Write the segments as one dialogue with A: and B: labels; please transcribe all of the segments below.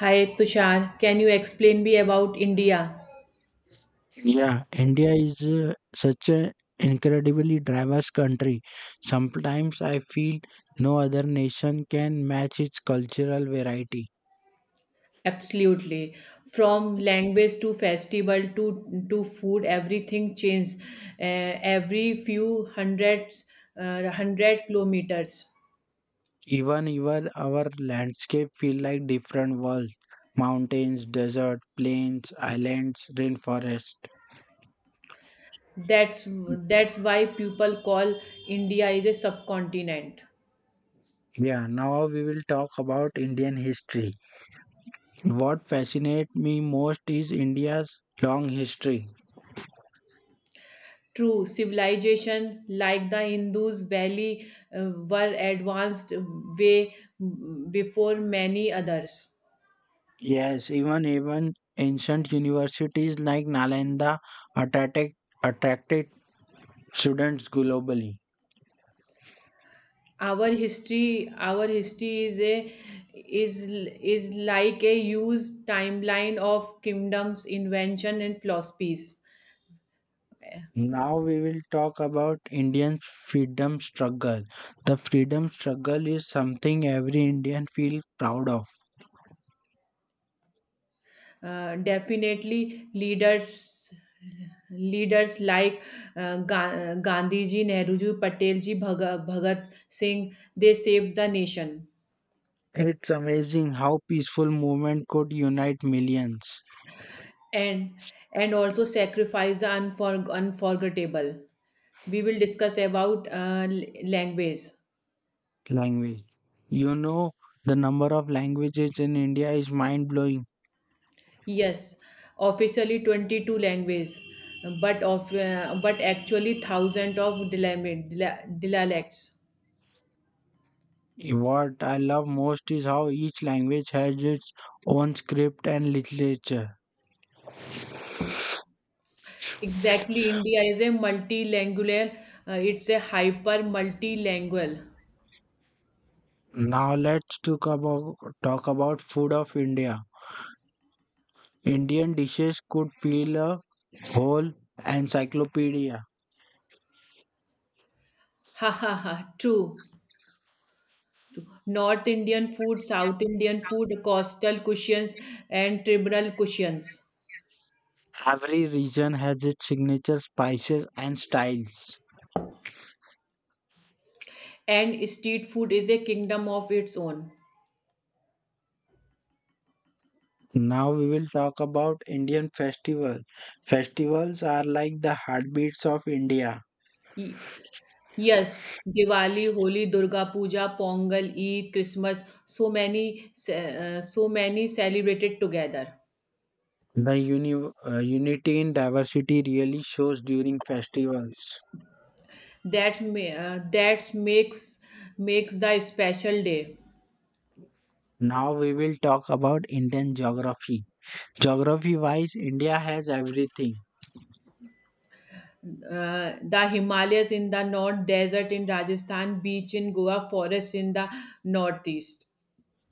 A: Hi Tushar, can you explain me about India?
B: Yeah, India is such an incredibly diverse country. Sometimes I feel no other nation can match its cultural variety.
A: Absolutely. From language to festival to food, everything changes every few hundred kilometers.
B: Even our landscape feel like different worlds. Mountains, desert, plains, islands, rainforest.
A: That's that's why people call India is a subcontinent.
B: Yeah, now we will talk about Indian history. What fascinates me most is India's long history.
A: True, civilization like the Hindus valley were advanced way before many others.
B: Yes, even ancient universities like Nalanda attracted attracted students globally.
A: Our history is a is is like a used timeline of kingdoms invention and philosophies.
B: Now we will talk about Indian freedom struggle. The freedom struggle is something every Indian feels proud of.
A: Definitely, leaders like Gandhi ji, Nehru ji, Patel ji, Bhagat Singh, they saved the nation.
B: It's amazing how peaceful movement could unite millions.
A: And and also sacrifice the unforgettable. We will discuss about language.
B: Language. You know the number of languages in India is mind blowing.
A: Yes, officially 22 languages, but of but actually thousands of dialects.
B: What I love most is how each language has its own script and literature.
A: Exactly, India is a multilingual. It's a hyper multilingual.
B: Now let's talk about food of India. Indian dishes could fill a whole encyclopedia.
A: Ha ha ha. True. True. North Indian food, South Indian food, coastal cuisines, and tribal cuisines,
B: Every region has its signature spices and styles.
A: and street food is a kingdom of its own.
B: Now we will talk about Indian festivals. Festivals are like the heartbeats of India.
A: E, Yes, Diwali, Holi, Durga Puja, Pongal, Eid, Christmas, so many, so many celebrated together.
B: The unity in diversity really shows during festivals.
A: That makes the special day.
B: Now we will talk about Indian geography. Geography wise, India has everything,
A: The Himalayas in the north, desert in Rajasthan, beach in Goa, forest in the northeast.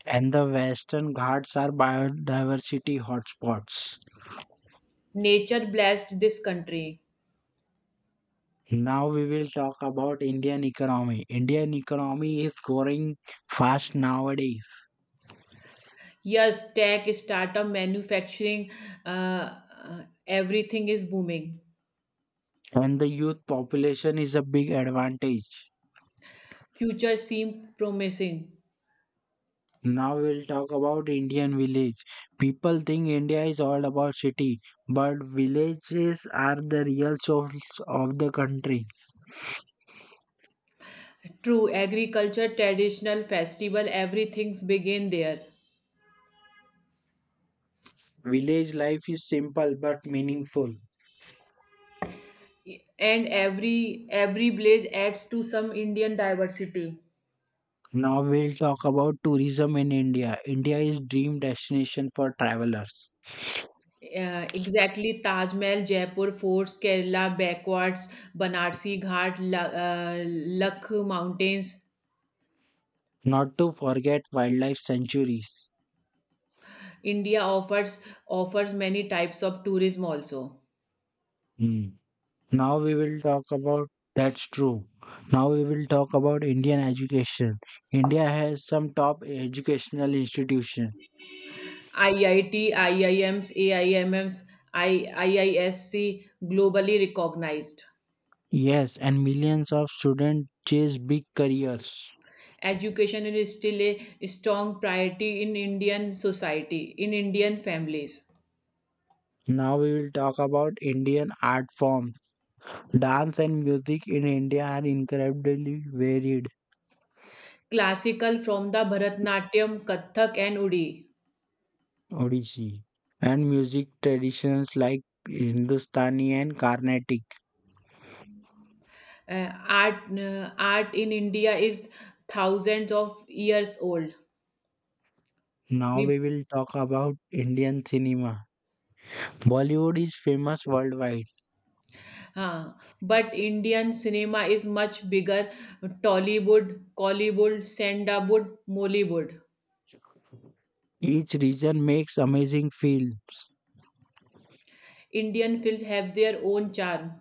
B: and the Western Ghats are biodiversity hotspots.
A: Nature blessed this country.
B: Now we will talk about Indian economy. Indian economy is growing fast nowadays,
A: Yes, tech, startup, manufacturing, everything is booming.
B: and the youth population is a big advantage.
A: Future seem promising.
B: Now we'll talk about Indian village. People think India is all about city, but villages are the real souls of the country.
A: True, agriculture, traditional festival, everything's begin there,
B: Village life is simple but meaningful.
A: and every place adds to some Indian diversity.
B: Now we'll talk about tourism in India. India is dream destination for travelers.
A: Exactly, Taj Mahal, Jaipur forts, Kerala backwards, Banarsi Ghat, Lakh mountains.
B: Not to forget wildlife sanctuaries.
A: India offers many types of tourism also.
B: Hmm. Now we will talk about. That's true. Now we will talk about Indian education. India has some top educational institutions.
A: IIT, IIMs, AIMMs, IISC, globally recognized.
B: Yes, and millions of students chase big careers.
A: Education is still a strong priority in Indian society, in Indian families.
B: Now we will talk about Indian art forms. Dance and music in India are incredibly varied.
A: Classical from the Bharatnatyam, Kathak, and Udi.
B: Odissi and music traditions like Hindustani and Carnatic.
A: Art art in India is thousands of years old.
B: Now
A: We,
B: we will talk about Indian cinema. Bollywood is famous worldwide.
A: uh, but Indian cinema is much bigger. Tollywood, Collywood, Sandawood, Mollywood.
B: Each region makes amazing films.
A: Indian films have their own charm.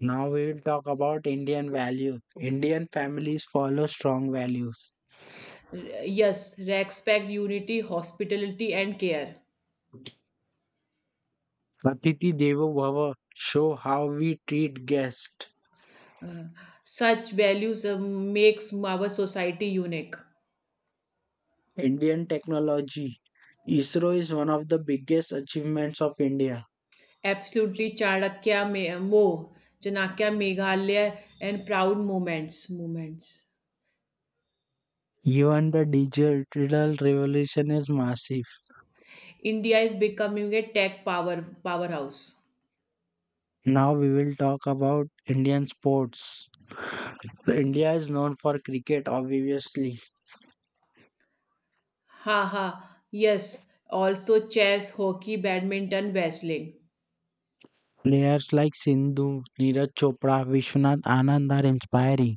B: Now we will talk about Indian values. Indian families follow strong values.
A: Yes, respect, unity, hospitality, and care.
B: Atithi Devo Bhava show how we treat guests.
A: Uh, Such values makes our society unique.
B: Indian technology. ISRO is one of the biggest achievements of India.
A: Absolutely, Chanakya, Meghalaya, and proud moments. Moments.
B: Even the digital revolution is massive.
A: India is becoming a tech powerhouse.
B: Now we will talk about Indian sports. India is known for cricket, obviously.
A: Ha ha. Yes. Also, chess, hockey, badminton, wrestling.
B: Players like Sindhu, Neeraj Chopra, Vishwanath Anand are inspiring.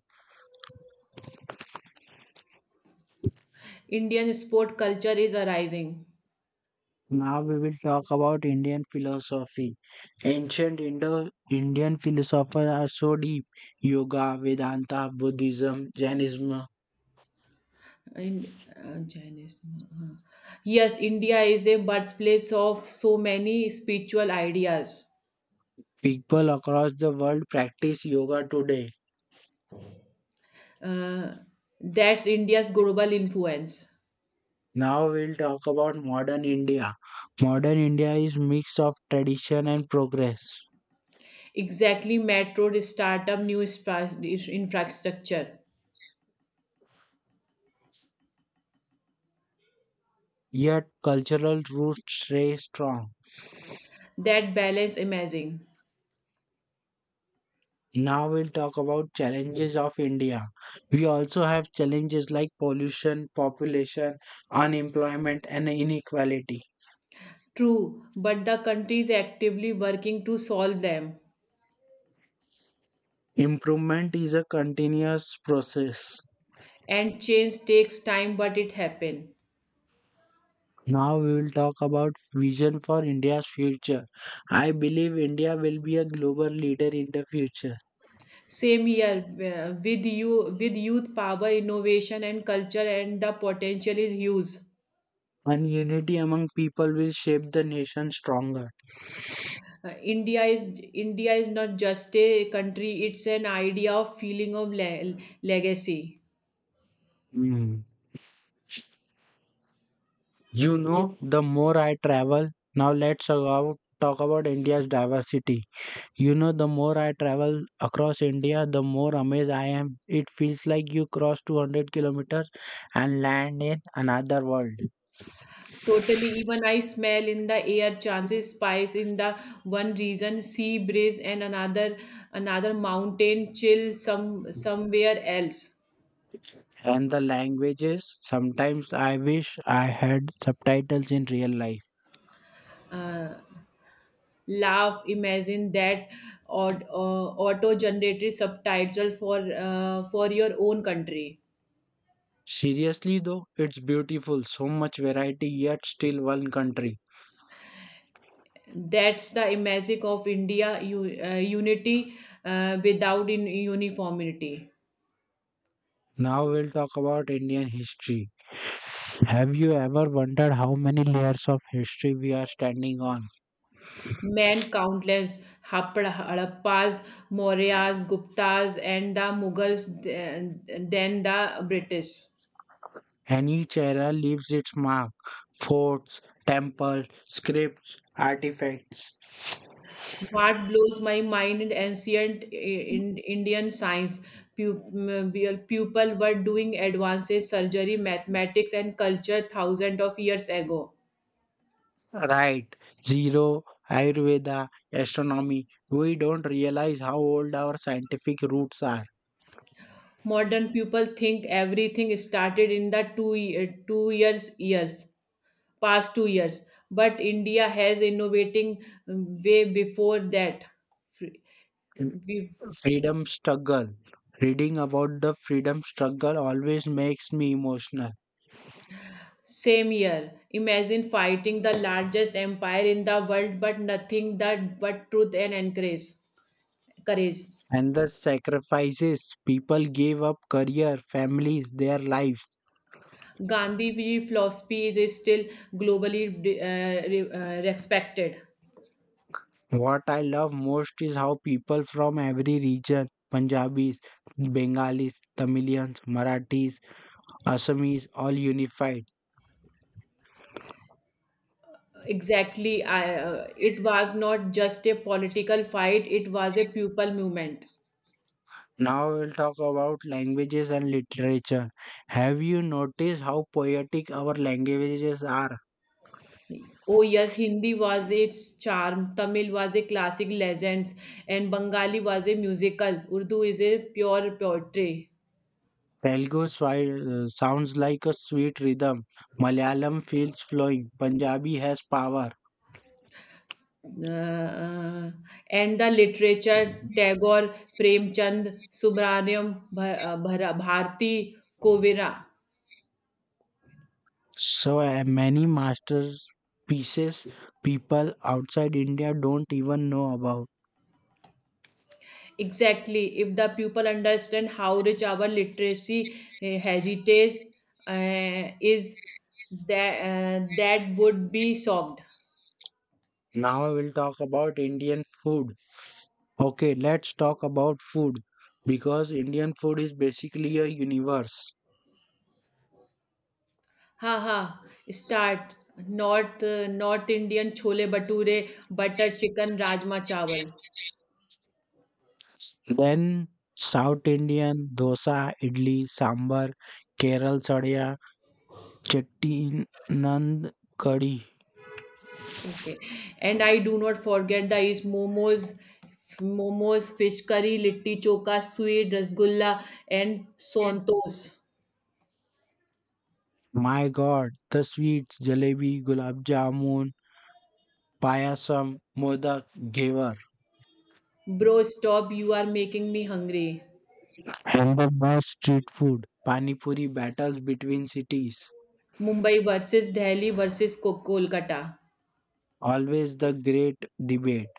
A: Indian sport culture is arising.
B: Now we will talk about Indian philosophy. Ancient Indo Indian philosophers are so deep. Yoga, Vedanta, Buddhism, Jainism.
A: In, Chinese. Yes, India is a birthplace of so many spiritual ideas.
B: People across the world practice yoga today.
A: Uh, that's India's global influence.
B: Now we'll talk about modern India. Modern India is mix of tradition and progress,
A: Exactly, metro, startup, new infrastructure.
B: yet cultural roots stay strong.
A: That balance amazing.
B: Now we'll talk about challenges of India. We also have challenges like pollution, population, unemployment and inequality.
A: True, but the country is actively working to solve them.
B: Improvement is a continuous process.
A: And change takes time, but it happen.
B: Now we will talk about vision for India's future. I believe India will be a global leader in the future,
A: Same here with youth power, innovation, and culture, and the potential is huge.
B: and unity among people will shape the nation stronger.
A: India is not just a country; it's an idea of feeling of legacy.
B: Hmm. The more I travel, now let's talk about India's diversity. The more I travel across India, the more amazed I am. It feels like you cross 200 kilometers and land in another world.
A: Totally, even I smell in the air chances spice in the one region, sea breeze and another mountain chill somewhere else.
B: And the languages, sometimes I wish I had subtitles in real life.
A: Uh, Laugh, imagine that or auto generated subtitles for your own country.
B: Seriously though, it's beautiful, so much variety, yet still one country.
A: That's the magic of India, unity without in uniformity.
B: Now we'll talk about Indian history. Have you ever wondered how many layers of history we are standing on?
A: Men countless Harappas, Mauryas, Guptas, and the Mughals, then the British.
B: And each era leaves its mark, forts, temples, scripts, artifacts.
A: What blows my mind in ancient in Indian science, your people were doing advances, surgery, mathematics, and culture thousands of years ago.
B: Right, zero, Ayurveda, astronomy. We don't realize how old our scientific roots are.
A: Modern people think everything started in the two, ye- two years years. Past 2 years, but India has innovating way before that. We
B: Freedom struggle. Reading about the freedom struggle always makes me emotional.
A: Same year, imagine fighting the largest empire in the world, but nothing that, but truth and encourage courage.
B: And the sacrifices people gave up career, families, their lives.
A: Gandhi v philosophy is still globally respected.
B: What I love most is how people from every region Punjabis, Bengalis, Tamilians, Marathis, Assamese all unified.
A: Exactly. It was not just a political fight, it was a people movement.
B: Now we'll talk about languages and literature. Have you noticed how poetic our languages are?
A: Oh yes, Hindi was its charm, Tamil was a classic legends, and Bengali was a musical. Urdu is a pure poetry.
B: Telugu sounds like a sweet rhythm. Malayalam feels flowing. Punjabi has power.
A: Uh, uh, and the literature Tagore, Premchand, Subrahmanyam, Bharti, Kovira.
B: So many masters pieces people outside India don't even know about.
A: Exactly. If the people understand how rich our literacy heritage is, that would be solved.
B: Now I will talk about Indian food. Okay, let's talk about food because Indian food is basically a universe.
A: हाँ, हाँ, start north north Indian chole bhature, butter chicken, rajma chawal,
B: Then South Indian dosa, idli, sambar, Keral sadhya, Chettinand curry.
A: Okay and I do not forget the east momos, fish curry, litti chokha, sweet, rasgulla and सोंतोस।
B: My god, the sweets, jalebi, gulab jamun, payasam, modak, ghevar,
A: bro stop, you are making me hungry.
B: and the most street food. Pani puri battles between cities.
A: Mumbai versus Delhi versus को Kolkata.
B: Always the great debate.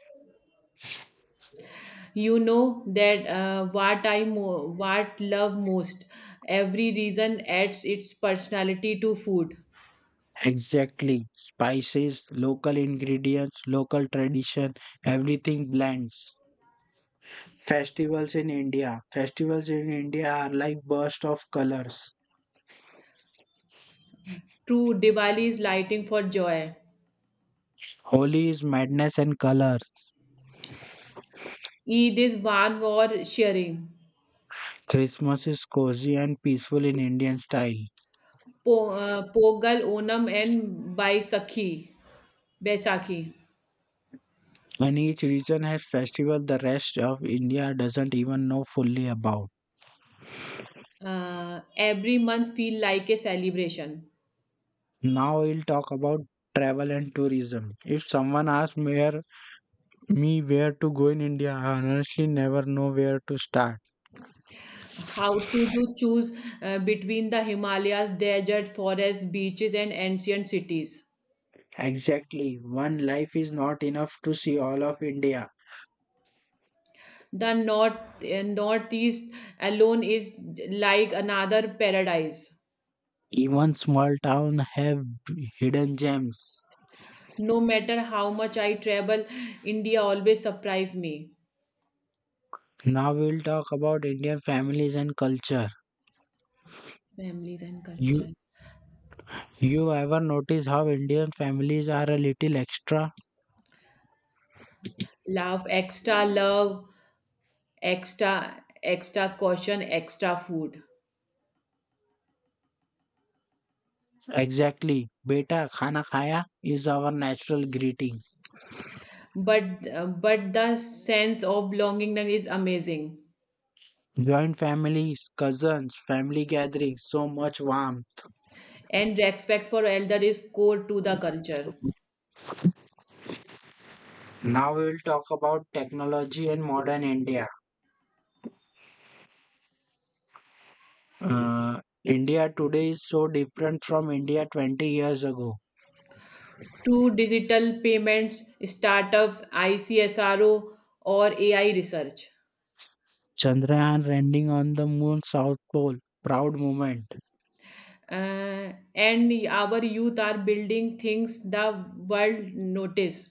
A: You know that what I मो what love most. Every region adds its personality to food.
B: Exactly. Spices, local ingredients, local tradition, everything blends. Festivals in India. Festivals in India are like bursts of colors.
A: True, Diwali is lighting for joy.
B: Holi is madness and colors.
A: Eid is van or sharing.
B: Christmas is cozy and peaceful in Indian style.
A: Pogal, Onam, and Baisakhi.
B: And each region has festival the rest of India doesn't even know fully about.
A: Every month feel like a celebration.
B: Now we'll talk about travel and tourism. If someone asks me where to go in India, I honestly never know where to start.
A: How to do choose between the Himalayas, desert, forests, beaches, and ancient cities.
B: Exactly, one life is not enough to see all of India.
A: The northeast alone is like another paradise.
B: Even small towns have hidden gems.
A: No matter how much I travel, India always surprise me.
B: Now we'll talk about Indian families and culture.
A: Families and
B: You
A: culture
B: you ever notice how Indian families are a little extra.
A: love extra love, extra extra caution, extra food.
B: Exactly. Beta khana khaya is our natural greeting.
A: But but the sense of belongingness is amazing.
B: Joint families, cousins, family gatherings, so much warmth.
A: And respect for elder is core to the culture.
B: Now we will talk about technology and modern India. India today is so different from India 20 years ago.
A: To digital payments, startups, icsro or ai research.
B: Chandrayaan landing on the moon South Pole. Proud moment.
A: Uh, and our youth are building things the world notice.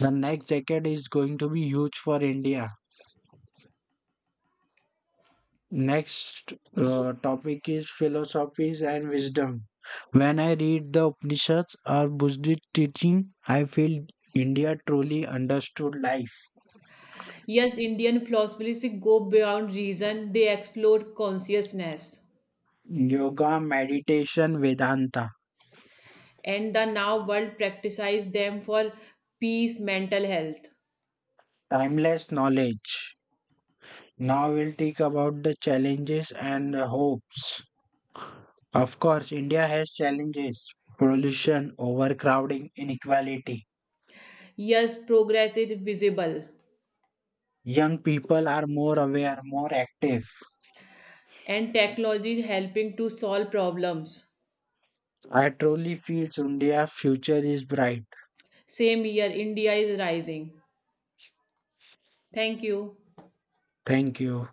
B: The next decade is going to be huge for India. Next topic is philosophies and wisdom. When I read the Upanishads or Buddhist teaching, I feel India truly understood life.
A: Yes, Indian philosophies go beyond reason, they explore consciousness,
B: Yoga, meditation, Vedanta,
A: and the now world practices them for peace, mental health.
B: timeless knowledge. Now we'll talk about the challenges and the hopes. Of course, India has challenges, pollution, overcrowding, inequality.
A: Yes, progress is visible,
B: Young people are more aware, more active.
A: and technology is helping to solve problems.
B: I truly feel India's future is bright.
A: Same year, India is rising. Thank you.
B: Thank you.